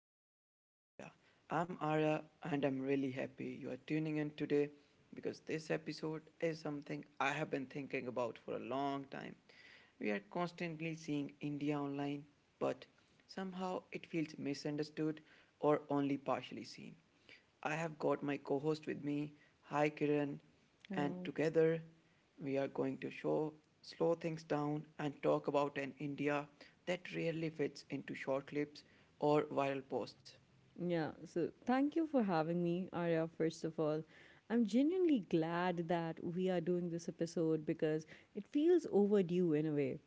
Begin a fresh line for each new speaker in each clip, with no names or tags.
Unscripted with Arya. I'm Arya and I'm really happy you are tuning in today because this episode is something I have been thinking about for a long time. We are constantly seeing India online, but somehow it feels misunderstood or only partially seen. I have got my co host with me. Hi Kiran and
Hello.
together we are going to show slow things down and talk about an India that rarely fits into short clips or viral posts.
Yeah, so thank you for having me, Arya, first of all. I'm genuinely glad that we are doing this episode because it feels overdue in a way.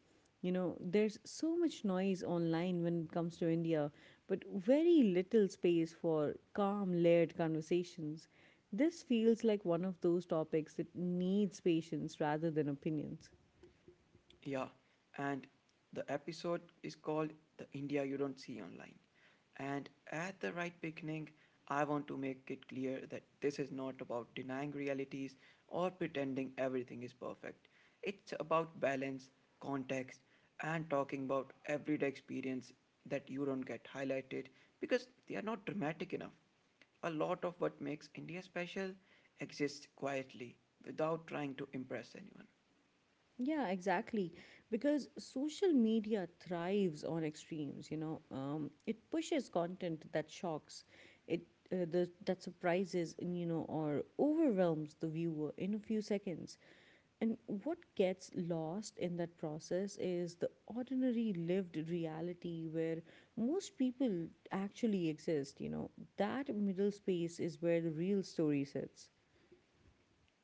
You know, there's so much noise online when it comes to India, but very little space for calm, layered conversations. This feels like one of those topics that needs patience rather than opinions.
Yeah, and the episode is called The India You Don't See Online. And at the right beginning, I want to make it clear that this is not about denying realities or pretending everything is perfect. It's about balance, context, and talking about everyday experience that you don't get highlighted because they are not dramatic enough. A lot of what makes India special exists quietly without trying to impress anyone.
Yeah, exactly. Because social media thrives on extremes, you know. It pushes content that shocks, it that surprises, and, you know, or overwhelms the viewer in a few seconds. And what gets lost in that process is the ordinary lived reality where most people actually exist, you know. That middle space is where the real story sits.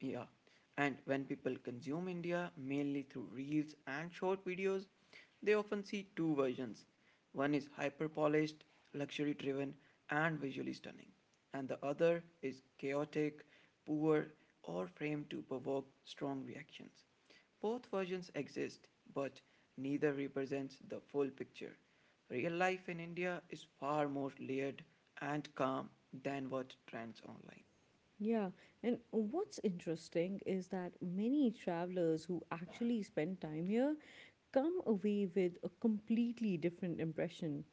Yeah, and when people consume India mainly through reels and short videos, they often see two versions. One is hyper polished, luxury driven, and visually stunning, and the other is chaotic, poor, or framed to provoke strong reactions. Both versions exist, but neither represents the full picture. Real life in India is far more layered and calm than what trends online.
Yeah, and what's interesting is that many travelers who actually spend time here come away with a completely different impression.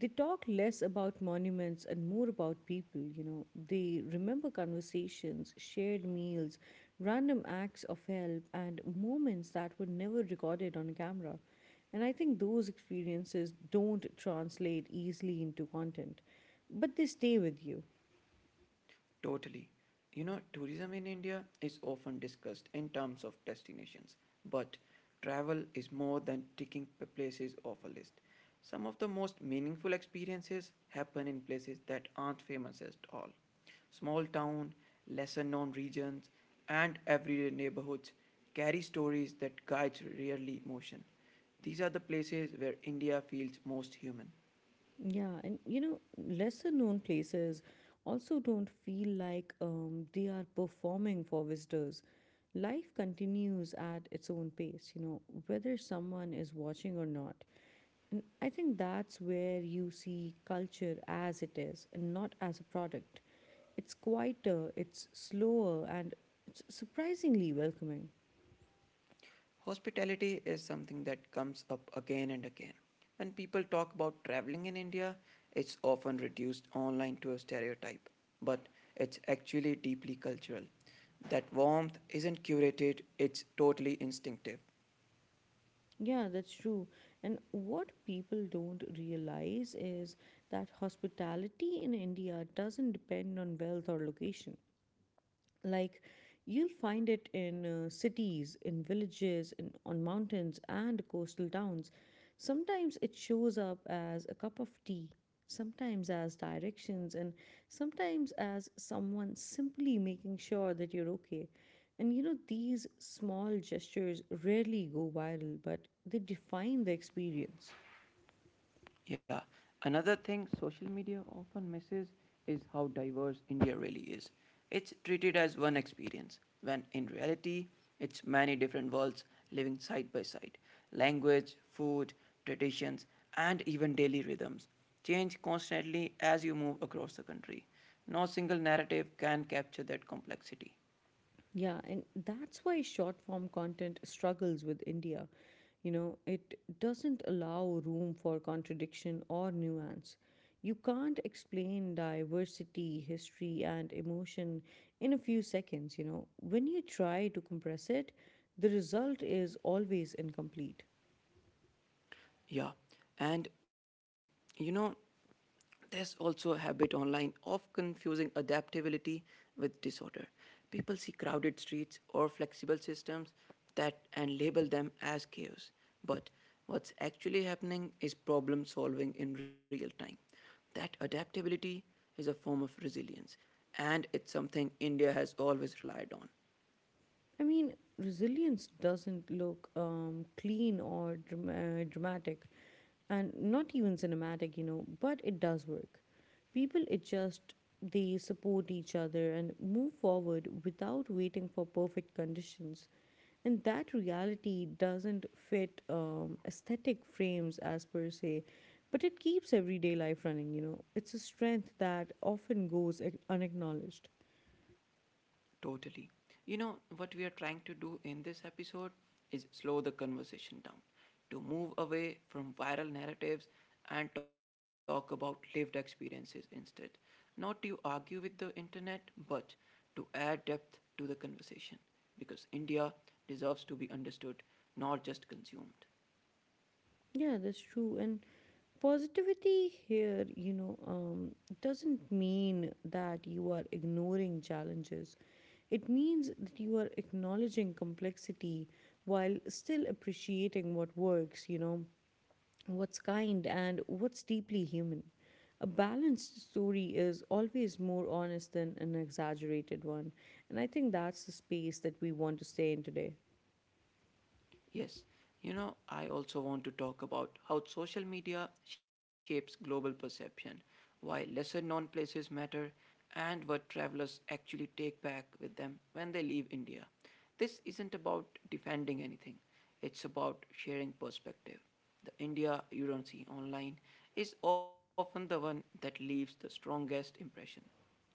They talk less about monuments and more about people, you know. They remember conversations, shared meals, random acts of help, and moments that were never recorded on camera. And I think those experiences don't translate easily into content, but they stay with you.
Totally. You know, tourism in India is often discussed in terms of destinations, but travel is more than ticking places off a list. Some of the most meaningful experiences happen in places that aren't famous at all. Small town, lesser known regions, and everyday neighborhoods carry stories that guides rarely motion. These are the places where India feels most human.
Yeah, and you know, lesser known places also don't feel like they are performing for visitors. Life continues at its own pace, you know, whether someone is watching or not. And I think that's where you see culture as it is and not as a product. It's quieter, it's slower, and it's surprisingly welcoming.
Hospitality is something that comes up again and again. When people talk about traveling in India, it's often reduced online to a stereotype, but it's actually deeply cultural. That warmth isn't curated, it's totally instinctive.
Yeah, that's true. And what people don't realize is that hospitality in India doesn't depend on wealth or location, like you'll find it in cities, in villages, in on mountains and coastal towns. Sometimes it shows up as a cup of tea, sometimes as directions, and sometimes as someone simply making sure that you're okay. And you know, these small gestures rarely go viral, but they define the experience.
Yeah. Another thing social media often misses is how diverse India really is. It's treated as one experience, when in reality, it's many different worlds living side by side. Language, food, traditions, and even daily rhythms change constantly as you move across the country. No single narrative can capture that complexity.
Yeah, and that's why short form content struggles with India. You know, it doesn't allow room for contradiction or nuance. You can't explain diversity, history, and emotion in a few seconds. You know, when you try to compress it, the result is always incomplete.
Yeah. And you know, there's also a habit online of confusing adaptability with disorder. People see crowded streets or flexible systems that and label them as chaos. But what's actually happening is problem solving in real time. That adaptability is a form of resilience, and it's something India has always relied on.
I mean, resilience doesn't look dramatic, and not even cinematic, you know, but it does work. People adjust, they support each other and move forward without waiting for perfect conditions. And that reality doesn't fit aesthetic frames as per se, but it keeps everyday life running, you know. It's a strength that often unacknowledged.
Totally. You know, what we are trying to do in this episode is slow the conversation down, to move away from viral narratives and talk about lived experiences instead. Not to argue with the internet, but to add depth to the conversation, because India deserves to be understood, not just consumed.
Yeah, that's true. And positivity here, you know, doesn't mean that you are ignoring challenges. It means that you are acknowledging complexity while still appreciating what works, you know, what's kind and what's deeply human. A balanced story is always more honest than an exaggerated one. And I think that's the space that we want to stay in today.
Yes, you know, I also want to talk about how social media shapes global perception, why lesser known places matter, and what travelers actually take back with them when they leave India. This isn't about defending anything, it's about sharing perspective. The India you don't see online is often the one that leaves the strongest impression.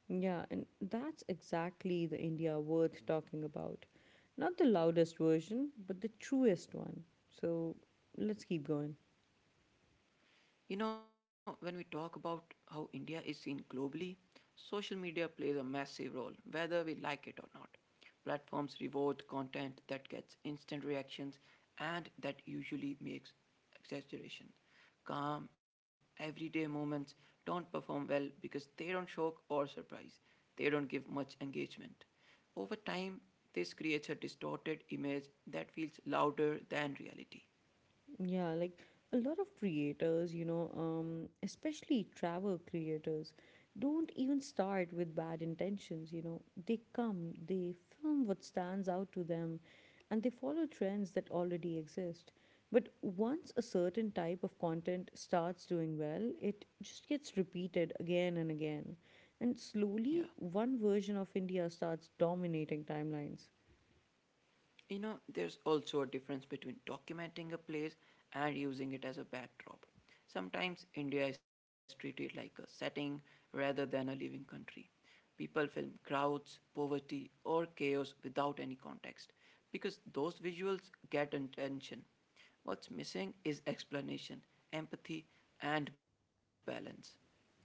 Yeah, and that's exactly the India worth talking about. Not the loudest version, but the truest one. So let's keep going.
You know, when we talk about how India is seen globally, social media plays a massive role, whether we like it or not. Platforms reward content that gets instant reactions and that usually makes exaggeration. Calm, everyday moments don't perform well because they don't shock or surprise. They don't give much engagement. Over time, this creates a distorted image that feels louder than reality.
Yeah, like a lot of creators, you know, especially travel creators, don't even start with bad intentions, you know. They come, they film what stands out to them, and they follow trends that already exist. But once a certain type of content starts doing well, it just gets repeated again and again. And
Yeah.
slowly, one version of India starts dominating timelines.
You know, there's also a difference between documenting a place and using it as a backdrop. Sometimes India is treated like a setting rather than a living country. People film crowds, poverty, or chaos without any context because those visuals get attention. What's missing is explanation, empathy, and balance.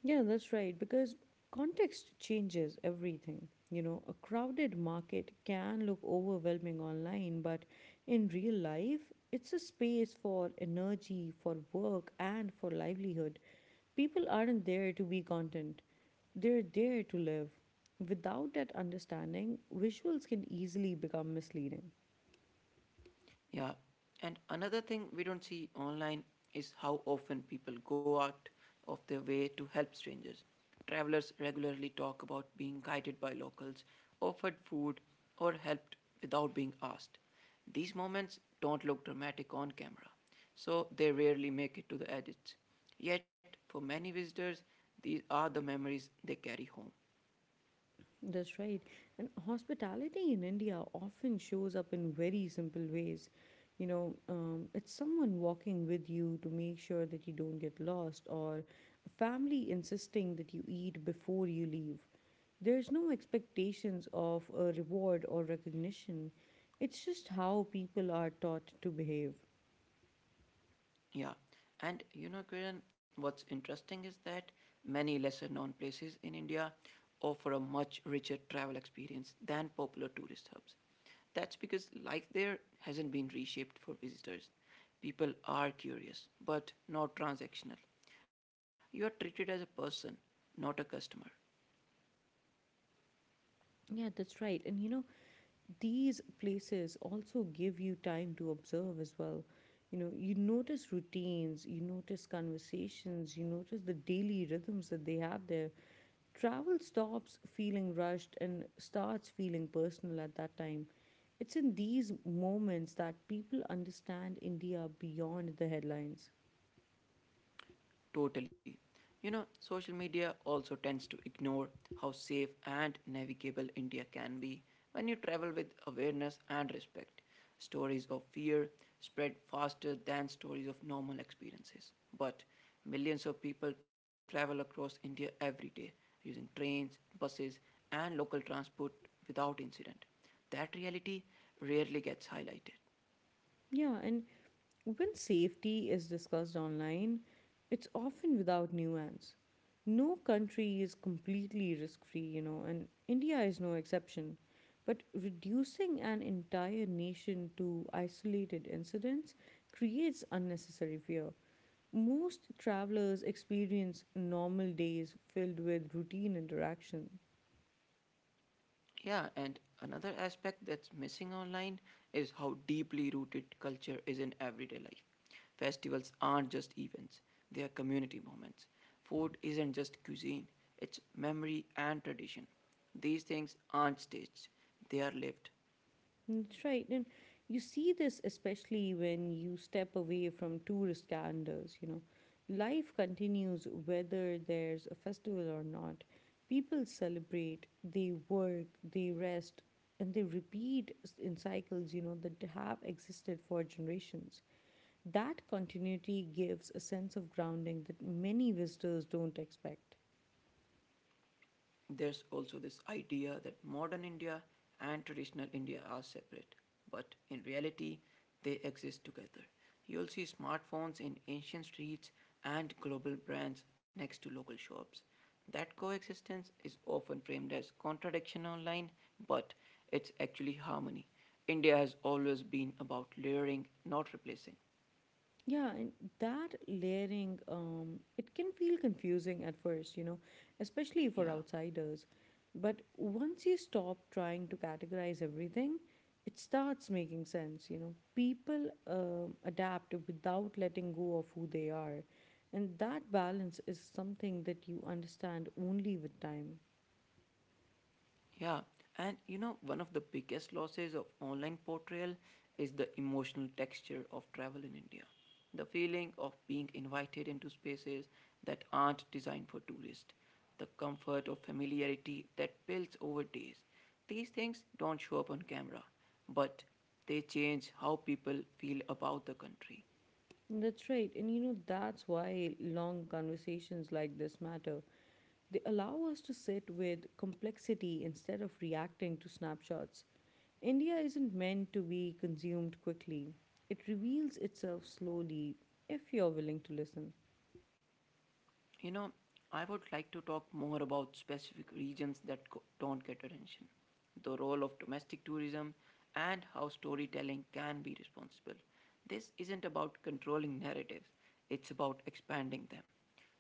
Yeah, that's right. Because context changes everything. You know, a crowded market can look overwhelming online, but in real life, it's a space for energy, for work, and for livelihood. People aren't there to be content, they're there to live. Without that understanding, visuals can easily become misleading.
Yeah. And another thing we don't see online is how often people go out of their way to help strangers. Travelers regularly talk about being guided by locals, offered food, or helped without being asked. These moments don't look dramatic on camera, so they rarely make it to the edits. Yet, for many visitors, these are the memories they carry home.
That's right. And hospitality in India often shows up in very simple ways. You know, it's someone walking with you to make sure that you don't get lost, or a family insisting that you eat before you leave. There's no expectations of a reward or recognition. It's just how people are taught to behave.
Yeah, and you know, Kiran, what's interesting is that many lesser known places in India offer a much richer travel experience than popular tourist hubs. That's because life there hasn't been reshaped for visitors. People are curious, but not transactional. You are treated as a person, not a customer.
Yeah, that's right. And you know, these places also give you time to observe as well. You know, you notice routines, you notice conversations, you notice the daily rhythms that they have there. Travel stops feeling rushed and starts feeling personal at that time. It's in these moments that people understand India beyond the headlines.
Totally. You know, social media also tends to ignore how safe and navigable India can be when you travel with awareness and respect. Stories of fear spread faster than stories of normal experiences. But millions of people travel across India every day using trains, buses, and local transport without incident. That reality rarely gets highlighted.
Yeah, and when safety is discussed online, it's often without nuance. No country is completely risk free, you know, and India is no exception. But reducing an entire nation to isolated incidents creates unnecessary fear. Most travelers experience normal days filled with routine interaction.
Yeah, and another aspect that's missing online is how deeply rooted culture is in everyday life. Festivals aren't just events, they are community moments. Food isn't just cuisine, it's memory and tradition. These things aren't staged, they are lived.
That's right. And you see this especially when you step away from tourist calendars, you know. Life continues whether there's a festival or not. People celebrate, they work, they rest, and they in cycles, you know, that have existed for generations. That continuity gives a sense of grounding that many visitors don't expect.
There's also this idea that modern India and traditional India are separate, but in reality, they exist together. You'll see smartphones in ancient streets and global brands next to local shops. That coexistence is often framed as contradiction online, but it's actually harmony. India has always been about layering, not replacing.
Yeah, and that layering, it can feel confusing at first, you know, especially for
Yeah.
outsiders. But once you stop trying to categorize everything, it starts making sense, you know. People adapt without letting go of who they are. And that balance is something that you understand only with time.
Yeah, and you know, one of the biggest losses of online portrayal is the emotional texture of travel in India. The feeling of being invited into spaces that aren't designed for tourists, the comfort of familiarity that builds over days. These things don't show up on camera, but they change how people feel about the country.
That's right. And you know, that's why long conversations like this matter. They allow us to sit with complexity instead of reacting to snapshots. India isn't meant to be consumed quickly, it reveals itself slowly if you're willing to listen.
You know, I would like to talk more about specific regions that don't get attention, the role of domestic tourism, and how storytelling can be responsible. This isn't about controlling narratives, it's about expanding them.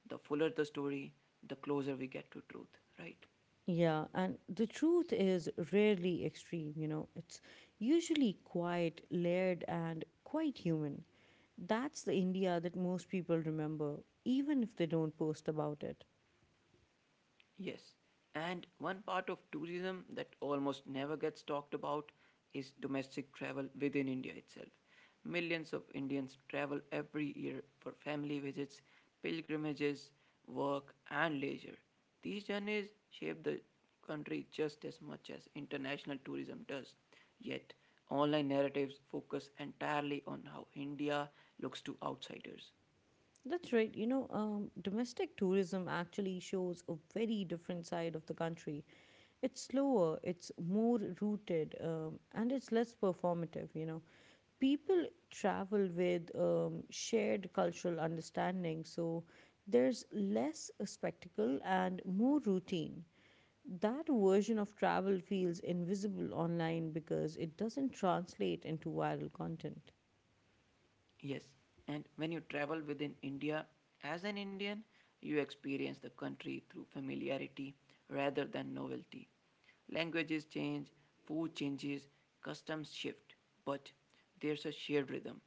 The fuller the story, the closer we get to truth, right?
Yeah, and the truth is rarely extreme, you know, it's usually quite layered and quite human. That's the India that most people remember, even if they don't post about it.
Yes, and one part of tourism that almost never gets talked about is domestic travel within India itself. Millions of Indians travel every year for family visits, pilgrimages, work, and leisure. These journeys shape the country just as much as international tourism does. Yet, online narratives focus entirely on how India looks to outsiders.
That's right. You know, domestic tourism actually shows a very different side of the country. It's slower, it's more rooted, and it's less performative. You know, people travel with shared cultural understanding, so there's less a spectacle and more routine. That version of travel feels invisible online because it doesn't translate into viral content.
Yes, and when you travel within India, as an Indian, you experience the country through familiarity rather than novelty. Languages change, food changes, customs shift, but there's a shared rhythm.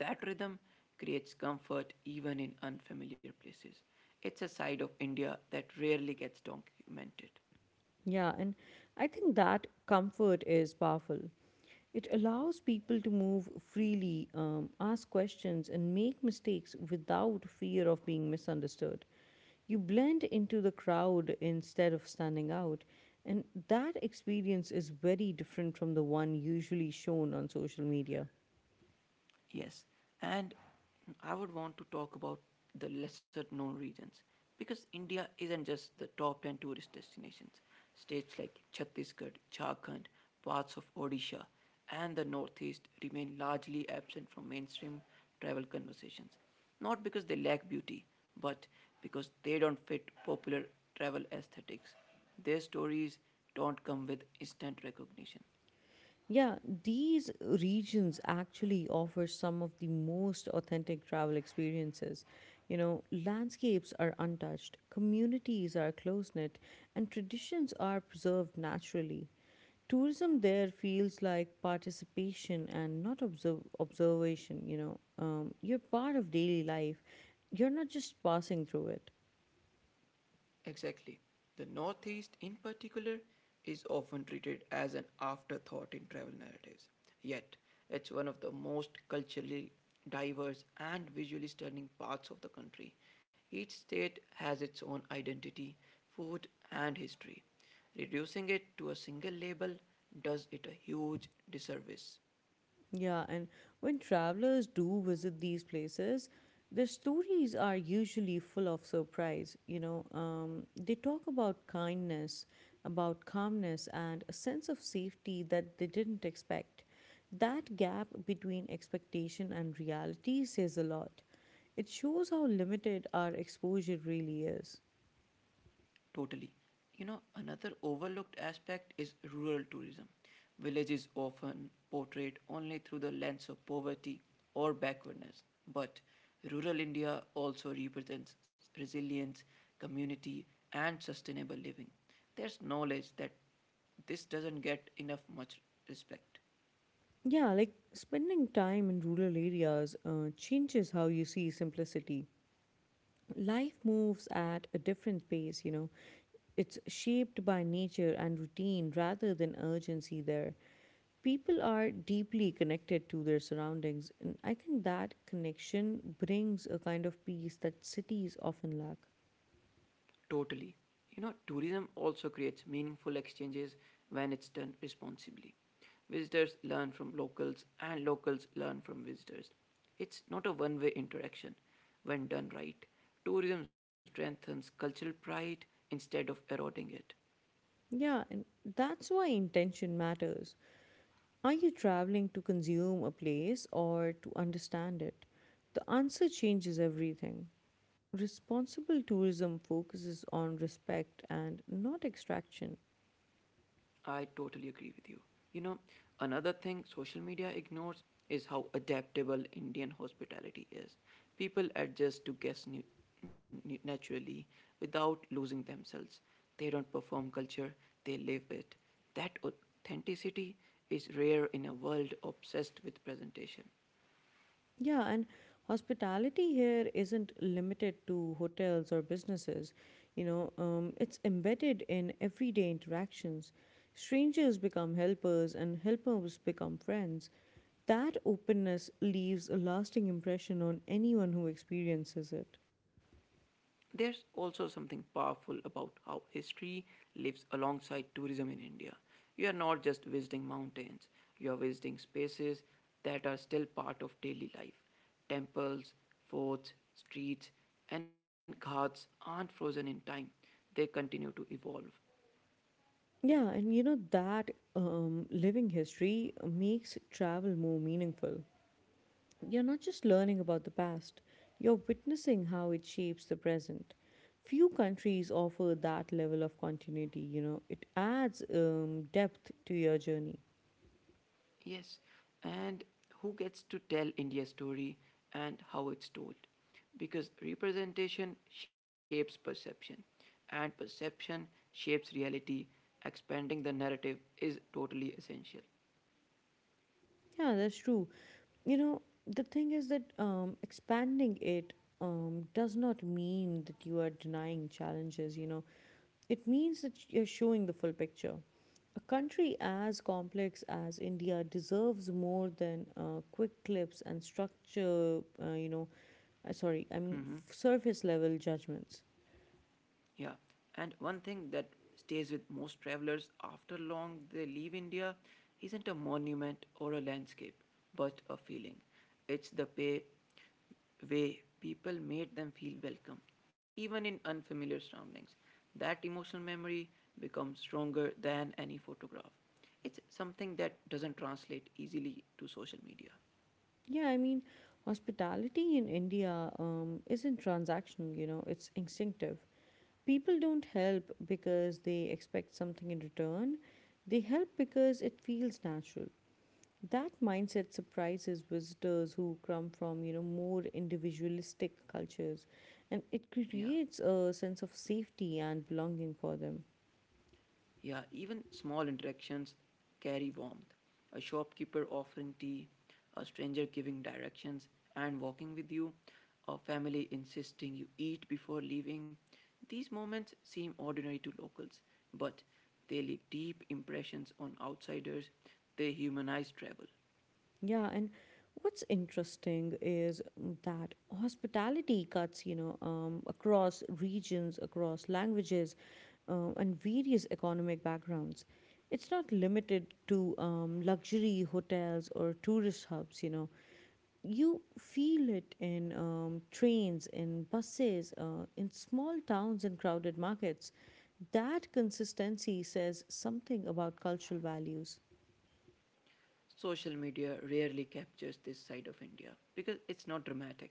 That rhythm creates comfort even in unfamiliar places. It's a side of India that rarely gets documented.
Yeah, and I think that comfort is powerful. It allows people to move freely, ask questions, and make mistakes without fear of being misunderstood. You blend into the crowd instead of standing out, and that experience is very different from the one usually shown on social media.
Yes, and I would want to talk about the lesser known regions because India isn't just the top 10 tourist destinations. States like Chhattisgarh, Jharkhand, parts of Odisha, and the Northeast remain largely absent from mainstream travel conversations. Not because they lack beauty, but because they don't fit popular travel aesthetics. Their stories don't come with instant recognition.
Yeah, these regions actually offer some of the most authentic travel experiences. You know, landscapes are untouched, communities are close knit, and traditions are preserved naturally. Tourism there feels like participation and not observation. You know, you're part of daily life, you're not just passing through it.
Exactly. The Northeast, in particular, is often treated as an afterthought in travel narratives. Yet, it's one of the most culturally diverse and visually stunning parts of the country. Each state has its own identity, food, and history. Reducing it to a single label does it a huge disservice.
Yeah, and when travelers do visit these places, their stories are usually full of surprise. You know, they talk about kindness, about calmness, and a sense of safety that they didn't expect. That gap between expectation and reality says a lot. It shows how limited our exposure really is.
Totally. You know, another overlooked aspect is rural tourism. Villages often portrayed only through the lens of poverty or backwardness, but rural India also represents resilience, community, and sustainable living. There's knowledge that this doesn't get enough much respect.
Yeah, like spending time in rural areas changes how you see simplicity. Life moves at a different pace, you know. It's shaped by nature and routine rather than urgency there. People are deeply connected to their surroundings, and I think that connection brings a kind of peace that cities often lack.
Totally. You know, tourism also creates meaningful exchanges when it's done responsibly. Visitors learn from locals, and locals learn from visitors. It's not a one way interaction when done right. Tourism strengthens cultural pride instead of eroding it.
Yeah, and that's why intention matters. Are you traveling to consume a place or to understand it? The answer changes everything. Responsible tourism focuses on respect and not extraction.
I totally agree with you. You know, another thing social media ignores is how adaptable Indian hospitality is. People adjust to guests naturally without losing themselves. They don't perform culture, they live it. That authenticity is rare in a world obsessed with presentation.
Yeah, and hospitality here isn't limited to hotels or businesses. You know, it's embedded in everyday interactions. Strangers become helpers, and helpers become friends. That openness leaves a lasting impression on anyone who experiences it.
There's also something powerful about how history lives alongside tourism in India. You are not just visiting mountains, you are visiting spaces that are still part of daily life. Temples, forts, streets, and ghats aren't frozen in time, they continue to evolve.
Yeah, and you know, that living history makes travel more meaningful. You're not just learning about the past, you're witnessing how it shapes the present. Few countries offer that level of continuity, you know, it adds depth to your journey.
Yes, and who gets to tell India's story and how it's told? Because representation shapes perception, and perception shapes reality. Expanding the narrative is totally essential.
Yeah, that's true. You know, the thing is that expanding it does not mean that you are denying challenges, you know, it means that you're showing the full picture. A country as complex as India deserves more than quick clips and sorry, I mean
Mhm.
surface level judgments.
Yeah, and one thing that stays with most travelers after long they leave India isn't a monument or a landscape, but a feeling. It's the way people made them feel welcome, even in unfamiliar surroundings. That emotional memory becomes stronger than any photograph. It's something that doesn't translate easily to social media.
Yeah, I mean hospitality in India isn't transactional, you know, it's instinctive. People don't help because they expect something in return, they help because it feels natural. That mindset surprises visitors who come from, you know, more individualistic cultures, and it
Yeah.
creates a sense of safety and belonging for them.
Yeah, even small interactions carry warmth. A shopkeeper offering tea, a stranger giving directions and walking with you, a family insisting you eat before leaving. These moments seem ordinary to locals, but they leave deep impressions on outsiders. They humanize travel.
Yeah, and what's interesting is that hospitality cuts, you know, across regions, across languages, and various economic backgrounds. It's not limited to luxury hotels or tourist hubs, you know. You feel it in trains, in buses, in small towns and crowded markets. That consistency says something about cultural values.
Social media rarely captures this side of India because it's not dramatic.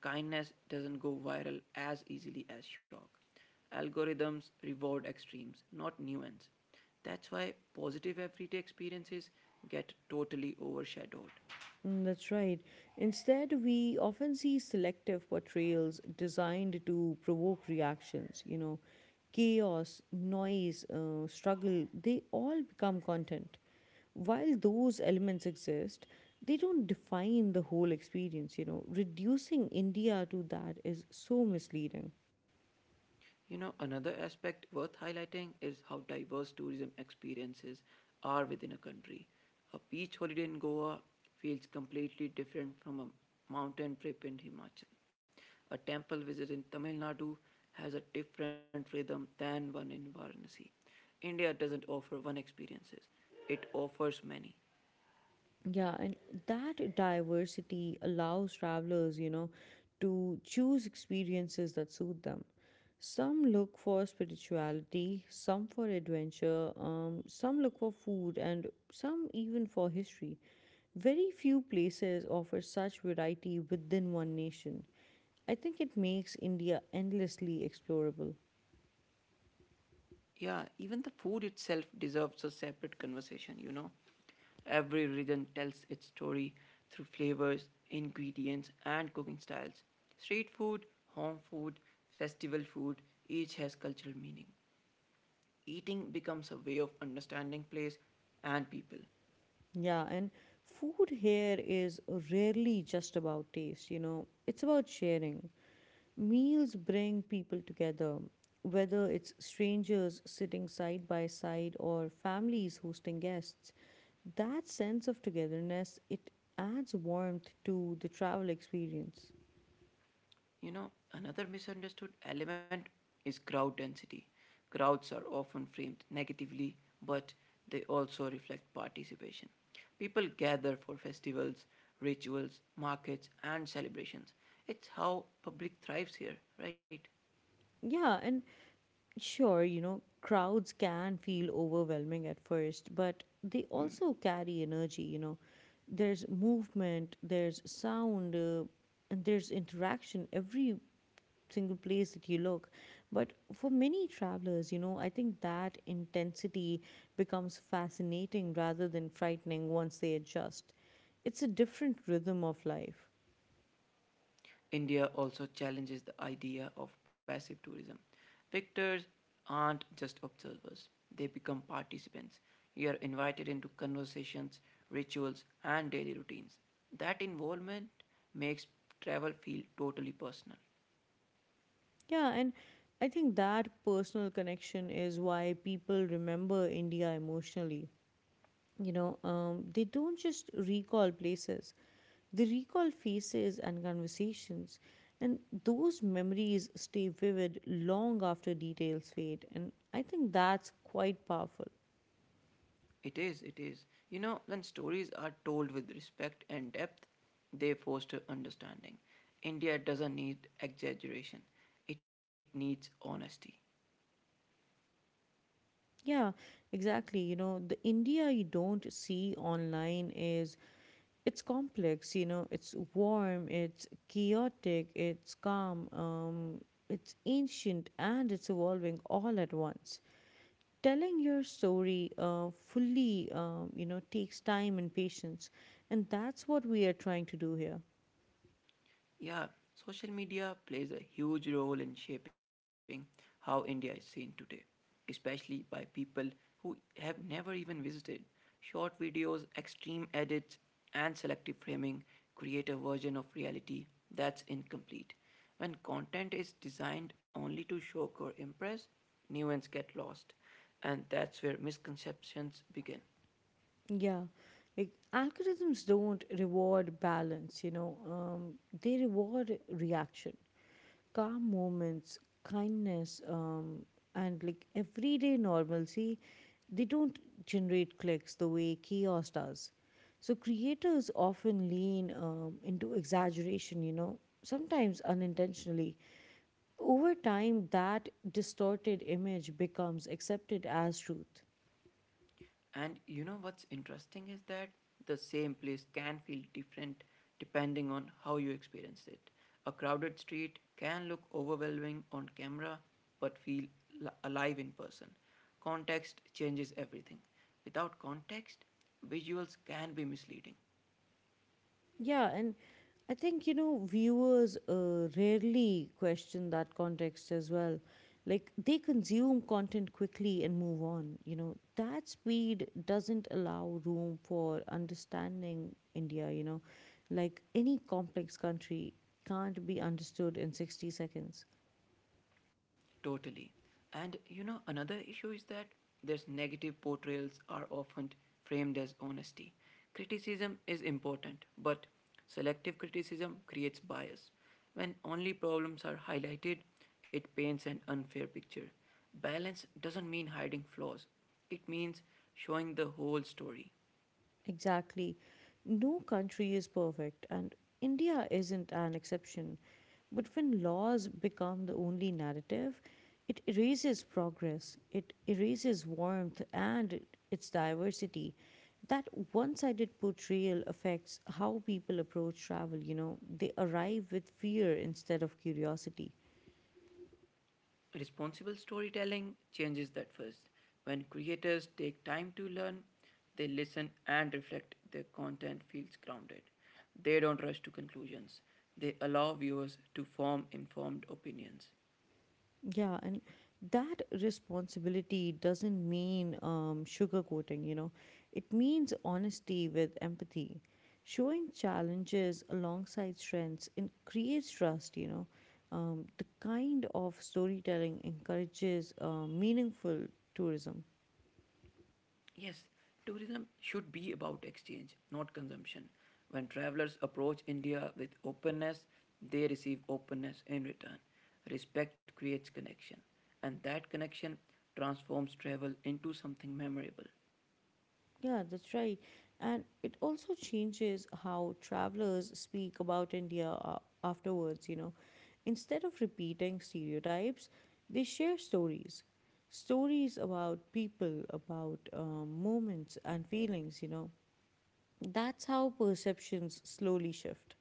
Kindness doesn't go viral as easily as shock. Algorithms reward extremes, not nuance. That's why positive everyday experiences get totally overshadowed.
Mm, that's right. Instead, we often see selective portrayals designed to provoke reactions. You know, chaos, noise, struggle, they all become content. While those elements exist, they don't define the whole experience. You know, reducing India to that is so misleading.
You know, another aspect worth highlighting is how diverse tourism experiences are within a country. A beach holiday in Goa feels completely different from a mountain trip in Himachal. A temple visit in Tamil Nadu has a different rhythm than one in Varanasi. India doesn't offer one experiences, it offers many.
Yeah, and that diversity allows travelers, you know, to choose experiences that suit them. Some look for spirituality, some for adventure, some look for food, and some even for history. Very few places offer such variety within one nation. I think it makes India endlessly explorable.
Yeah, even the food itself deserves a separate conversation. Every region tells its story through flavors, ingredients, and cooking styles. Street food, home food, festival food, each has cultural meaning. Eating becomes a way of understanding place and people.
Yeah, and food here is rarely just about taste, you know, it's about sharing. Meals bring people together, whether it's strangers sitting side by side or families hosting guests. That sense of togetherness, it adds warmth to the travel experience.
You know, another misunderstood element is crowd density. Crowds are often framed negatively, but they also reflect participation. People gather for festivals, rituals, markets, and celebrations. It's how public thrives here, right?
Yeah, and sure, you know, crowds can feel overwhelming at first, but they
Hmm.
also carry energy, you know. There's movement, there's sound, and there's interaction. Every single place that you look. But for many travelers, you know, I think that intensity becomes fascinating rather than frightening once they adjust. It's a different rhythm of life.
India also challenges the idea of passive tourism. Victors aren't just observers, they become participants. You are invited into conversations, rituals, and daily routines. That involvement makes travel feel totally personal.
Yeah, and I think that personal connection is why people remember India emotionally. They don't just recall places, they recall faces and conversations, and those memories stay vivid long after details fade. And I think that's quite powerful.
It is, it is. You know, when stories are told with respect and depth, they foster understanding. India doesn't need exaggeration, it needs honesty.
Yeah, exactly. You know, the India you don't see online is it's complex, you know, it's warm, it's chaotic, it's calm, it's ancient, and it's evolving all at once. Telling your story fully, you know, takes time and patience, and that's what we are trying to do here.
Yeah, social media plays a huge role in shaping how India is seen today, especially by people who have never even visited. Short videos, extreme edits, and selective framing create a version of reality that's incomplete. When content is designed only to shock or impress, nuance get lost, and that's where misconceptions begin.
Yeah, like algorithms don't reward balance, you know. They reward reaction, calm moments, kindness, and like everyday normalcy. They don't generate clicks the way chaos does, so creators often lean into exaggeration, you know, sometimes unintentionally. Over time that distorted image becomes accepted as truth.
And you know what's interesting is that the same place can feel different depending on how you experience it. A crowded street can look overwhelming on camera but feel alive in person. Context changes everything. Without context, visuals can be misleading.
Yeah, and I think, you know, viewers rarely question that context as well. Like, they consume content quickly and move on, you know. That speed doesn't allow room for understanding India, you know. Like, any complex country can't be understood in 60 seconds.
Totally. And you know, another issue is that there's negative portrayals are often framed as honesty. Criticism is important, but selective criticism creates bias. When only problems are highlighted, it paints an unfair picture. Balance doesn't mean hiding flaws, it means showing the whole story.
Exactly. No country is perfect, and India isn't an exception. But when laws become the only narrative, it erases progress, it erases warmth and its diversity. That one sided portrayal affects how people approach travel, you know, they arrive with fear instead of curiosity.
Responsible storytelling changes that first. When creators take time to learn, they listen and reflect, their content feels grounded. They don't rush to conclusions. They allow viewers to form informed opinions.
Yeah, and that responsibility doesn't mean sugarcoating, you know, it means honesty with empathy. Showing challenges alongside strengths and creates trust, you know. The kind of storytelling encourages meaningful tourism.
Yes, tourism should be about exchange, not consumption. When travelers approach India with openness, they receive openness in return. Respect creates connection, and that connection transforms travel into something memorable.
Yeah, that's right. And it also changes how travelers speak about India afterwards, you know. Instead of repeating stereotypes, they share stories. Stories about people, about moments and feelings, you know. That's how perceptions slowly shift.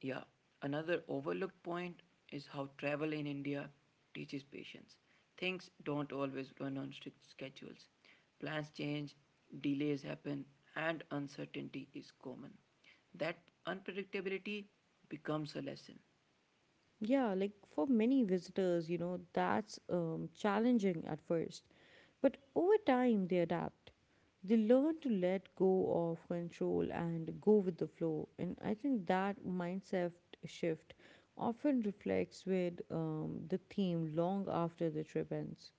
Yeah, another overlooked point is how travel in India teaches patience. Things don't always run on strict schedules. Plans change, delays happen, and uncertainty is common. That unpredictability becomes a lesson.
Yeah, like for many visitors, you know, that's challenging at first. But over time, they adapt. They learn to let go of control and go with the flow. And I think that mindset shift often reflects with the theme long after the trip ends.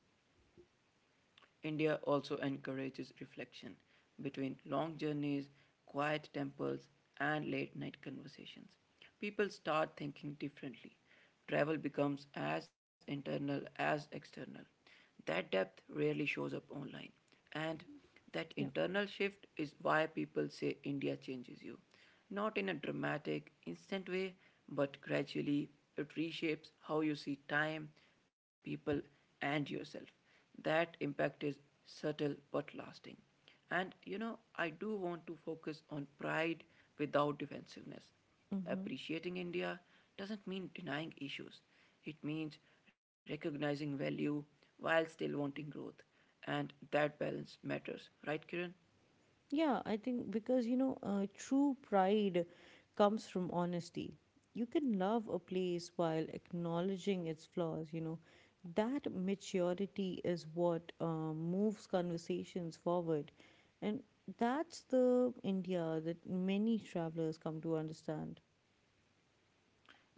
India also encourages reflection between long journeys, quiet temples, and late night conversations. People start thinking differently. Travel becomes as internal as external. That depth rarely shows up online. And that
Yeah.
internal shift is why people say India changes you. Not in a dramatic, instant way, but gradually it reshapes how you see time, people, and yourself. That impact is subtle but lasting. And you know, I do want to focus on pride without defensiveness.
Mm-hmm.
Appreciating India doesn't mean denying issues, it means recognizing value while still wanting growth. And that balance matters, right, Kiran?
Yeah, I think because, you know, true pride comes from honesty. You can love a place while acknowledging its flaws, you know. That maturity is what moves conversations forward. And that's the India that many travelers come to understand.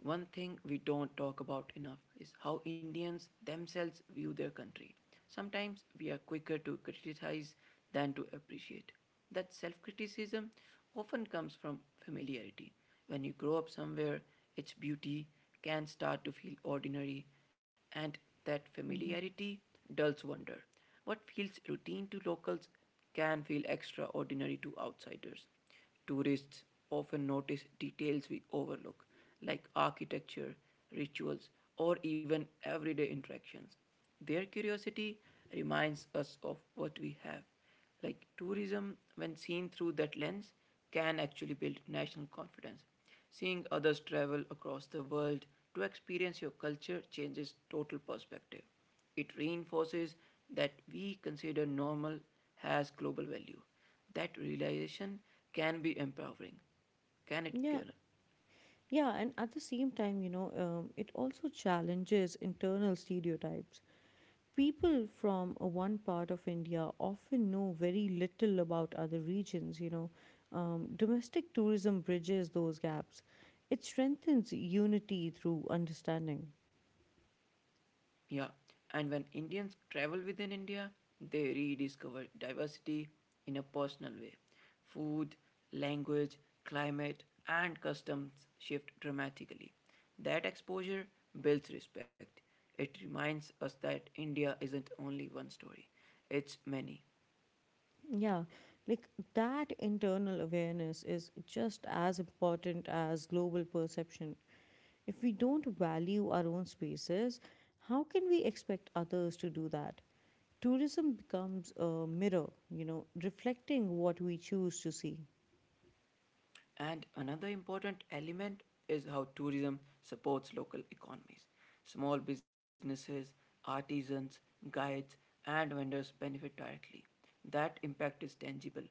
One thing we don't talk about enough is how Indians themselves view their country. Sometimes we are quicker to criticize than to appreciate. That self criticism often comes from familiarity. When you grow up somewhere, its beauty can start to feel ordinary, and that
Hmm.
familiarity dulls wonder. What feels routine to locals can feel extraordinary to outsiders. Tourists often notice details we overlook, like architecture, rituals, or even everyday interactions. Their curiosity reminds us of what we have. Like tourism, when seen through that lens, can actually build national confidence. Seeing others travel across the world to experience your culture changes total perspective. It reinforces that we consider normal has global value. That realization can be empowering. Can it,
Yeah,
Kiran?
yeah, and at the same time, you know, it also challenges internal stereotypes. People from one part of India often know very little about other regions, you know. Domestic tourism bridges those gaps, it strengthens unity through understanding.
Yeah. And when Indians travel within India, they rediscover diversity in a personal way. Food, language, climate, and customs shift dramatically. That exposure builds respect. It reminds us that India isn't only one story, it's many.
Yeah, like that internal awareness is just as important as global perception. If we don't value our own spaces, how can we expect others to do that? Tourism becomes a mirror, you know, reflecting what we choose to see.
And another important element is how tourism supports local economies. Small businesses, artisans, guides, and vendors benefit directly. That impact is tangible.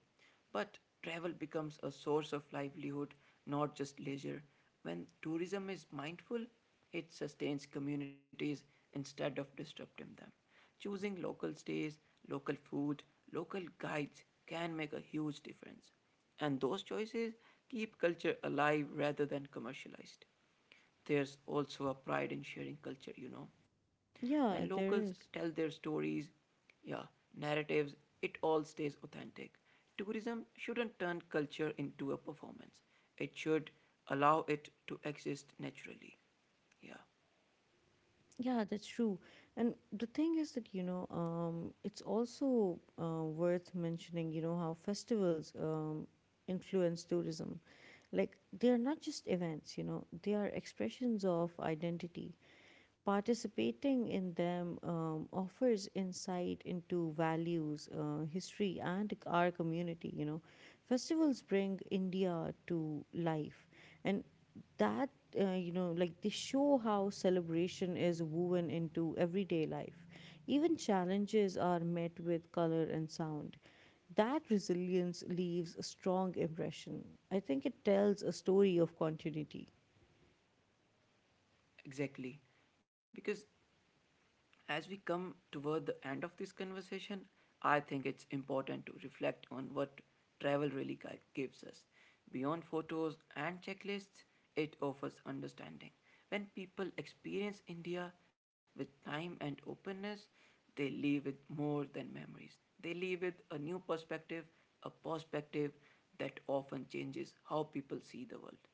But travel becomes a source of livelihood, not just leisure. When tourism is mindful, it sustains communities instead of disrupting them. Choosing local stays, local food, local guides can make a huge difference. And those choices keep culture alive rather than commercialized. There's also a pride in sharing culture, you know. When locals
Yeah, there
tell their
is.
stories, yeah, narratives, it all stays authentic. Tourism shouldn't turn culture into a performance. It should allow it to exist naturally. Yeah,
Yeah, that's true. And the thing is that, you know, it's also worth mentioning, you know, how festivals influence tourism. Like, they are not just events, you know, they are expressions of identity. Participating in them offers insight into values, history, and our community. You know, festivals bring India to life, and that, you know, like they show how celebration is woven into everyday life. Even challenges are met with color and sound. That resilience leaves a strong impression. I think it tells a story of continuity.
exactly. Because as we come toward the end of this conversation, I think it's important to reflect on what travel really gives us. Beyond photos and checklists, it offers understanding. When people experience India with time and openness, they leave with more than memories. They leave with a new perspective, a perspective that often changes how people see the world.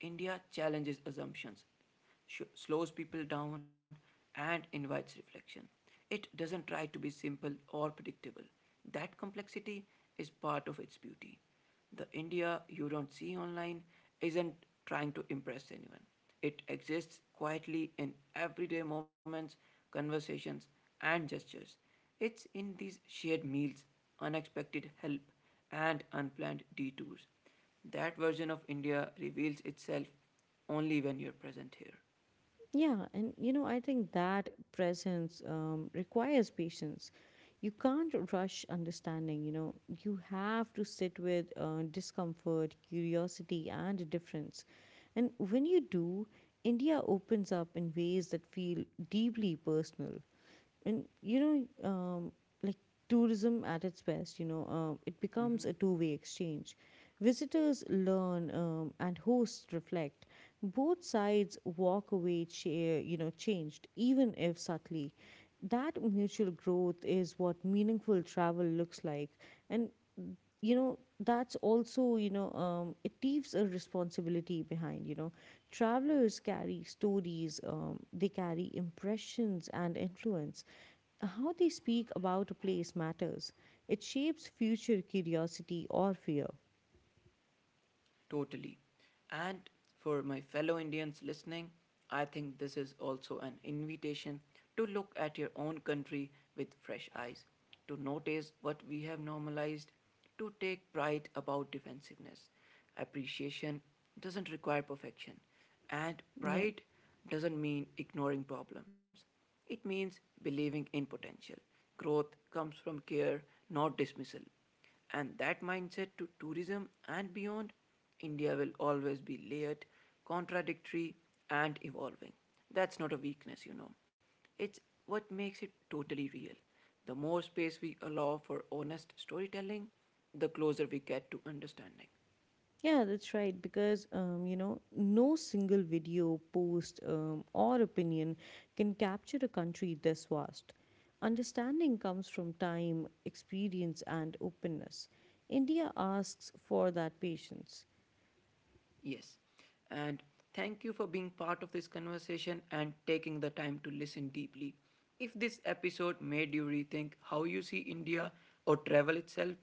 India challenges assumptions, slows people down and invites reflection. It doesn't try to be simple or predictable. That complexity is part of its beauty. The India you don't see online isn't trying to impress anyone. It exists quietly in everyday moments, conversations, and gestures. It's in these shared meals, unexpected help, and unplanned detours that version of India reveals itself only when you're present here.
Yeah, and you know, I think that presence requires patience. You can't rush understanding, you know, you have to sit with discomfort, curiosity, and difference. And when you do, India opens up in ways that feel deeply personal. And you know, like, tourism at its best, you know, it
Hmm.
becomes a two-way exchange. Visitors learn, and hosts reflect. Both sides walk away you know, changed, even if subtly. That mutual growth is what meaningful travel looks like. And, you know, that's also, you know, it leaves a responsibility behind, you know. Travelers carry stories, they carry impressions and influence. How they speak about a place matters. It shapes future curiosity or fear.
Totally. And for my fellow Indians listening, I think this is also an invitation to look at your own country with fresh eyes, to notice what we have normalized, to take pride about defensiveness. Appreciation doesn't require perfection, and
Yeah.
pride doesn't mean ignoring problems. It means believing in potential. Growth comes from care, not dismissal. And that mindset to tourism and beyond, India will always be layered, contradictory, and evolving. That's not a weakness, you know. It's what makes it totally real. The more space we allow for honest storytelling, the closer we get to understanding.
Yeah, that's right. Because, you know, no single video, post, or opinion can capture a country this vast. Understanding comes from time, experience, and openness. India asks for that patience.
Yes. And thank you for being part of this conversation and taking the time to listen deeply. If this episode made you rethink how you see India or travel itself,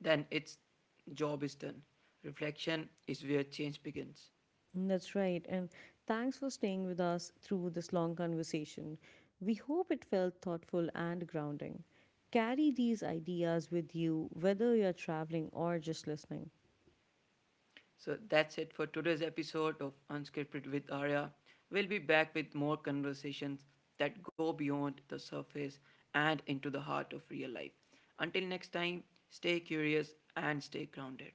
then its job is done. Reflection is where change begins.
That's right. And thanks for staying with us through this long conversation. We hope it felt thoughtful and grounding. Carry these ideas with you, whether you're traveling or just listening.
So that's it for today's episode of Unscripted with Arya. We'll be back with more conversations that go beyond the surface and into the heart of real life. Until next time, stay curious and stay grounded.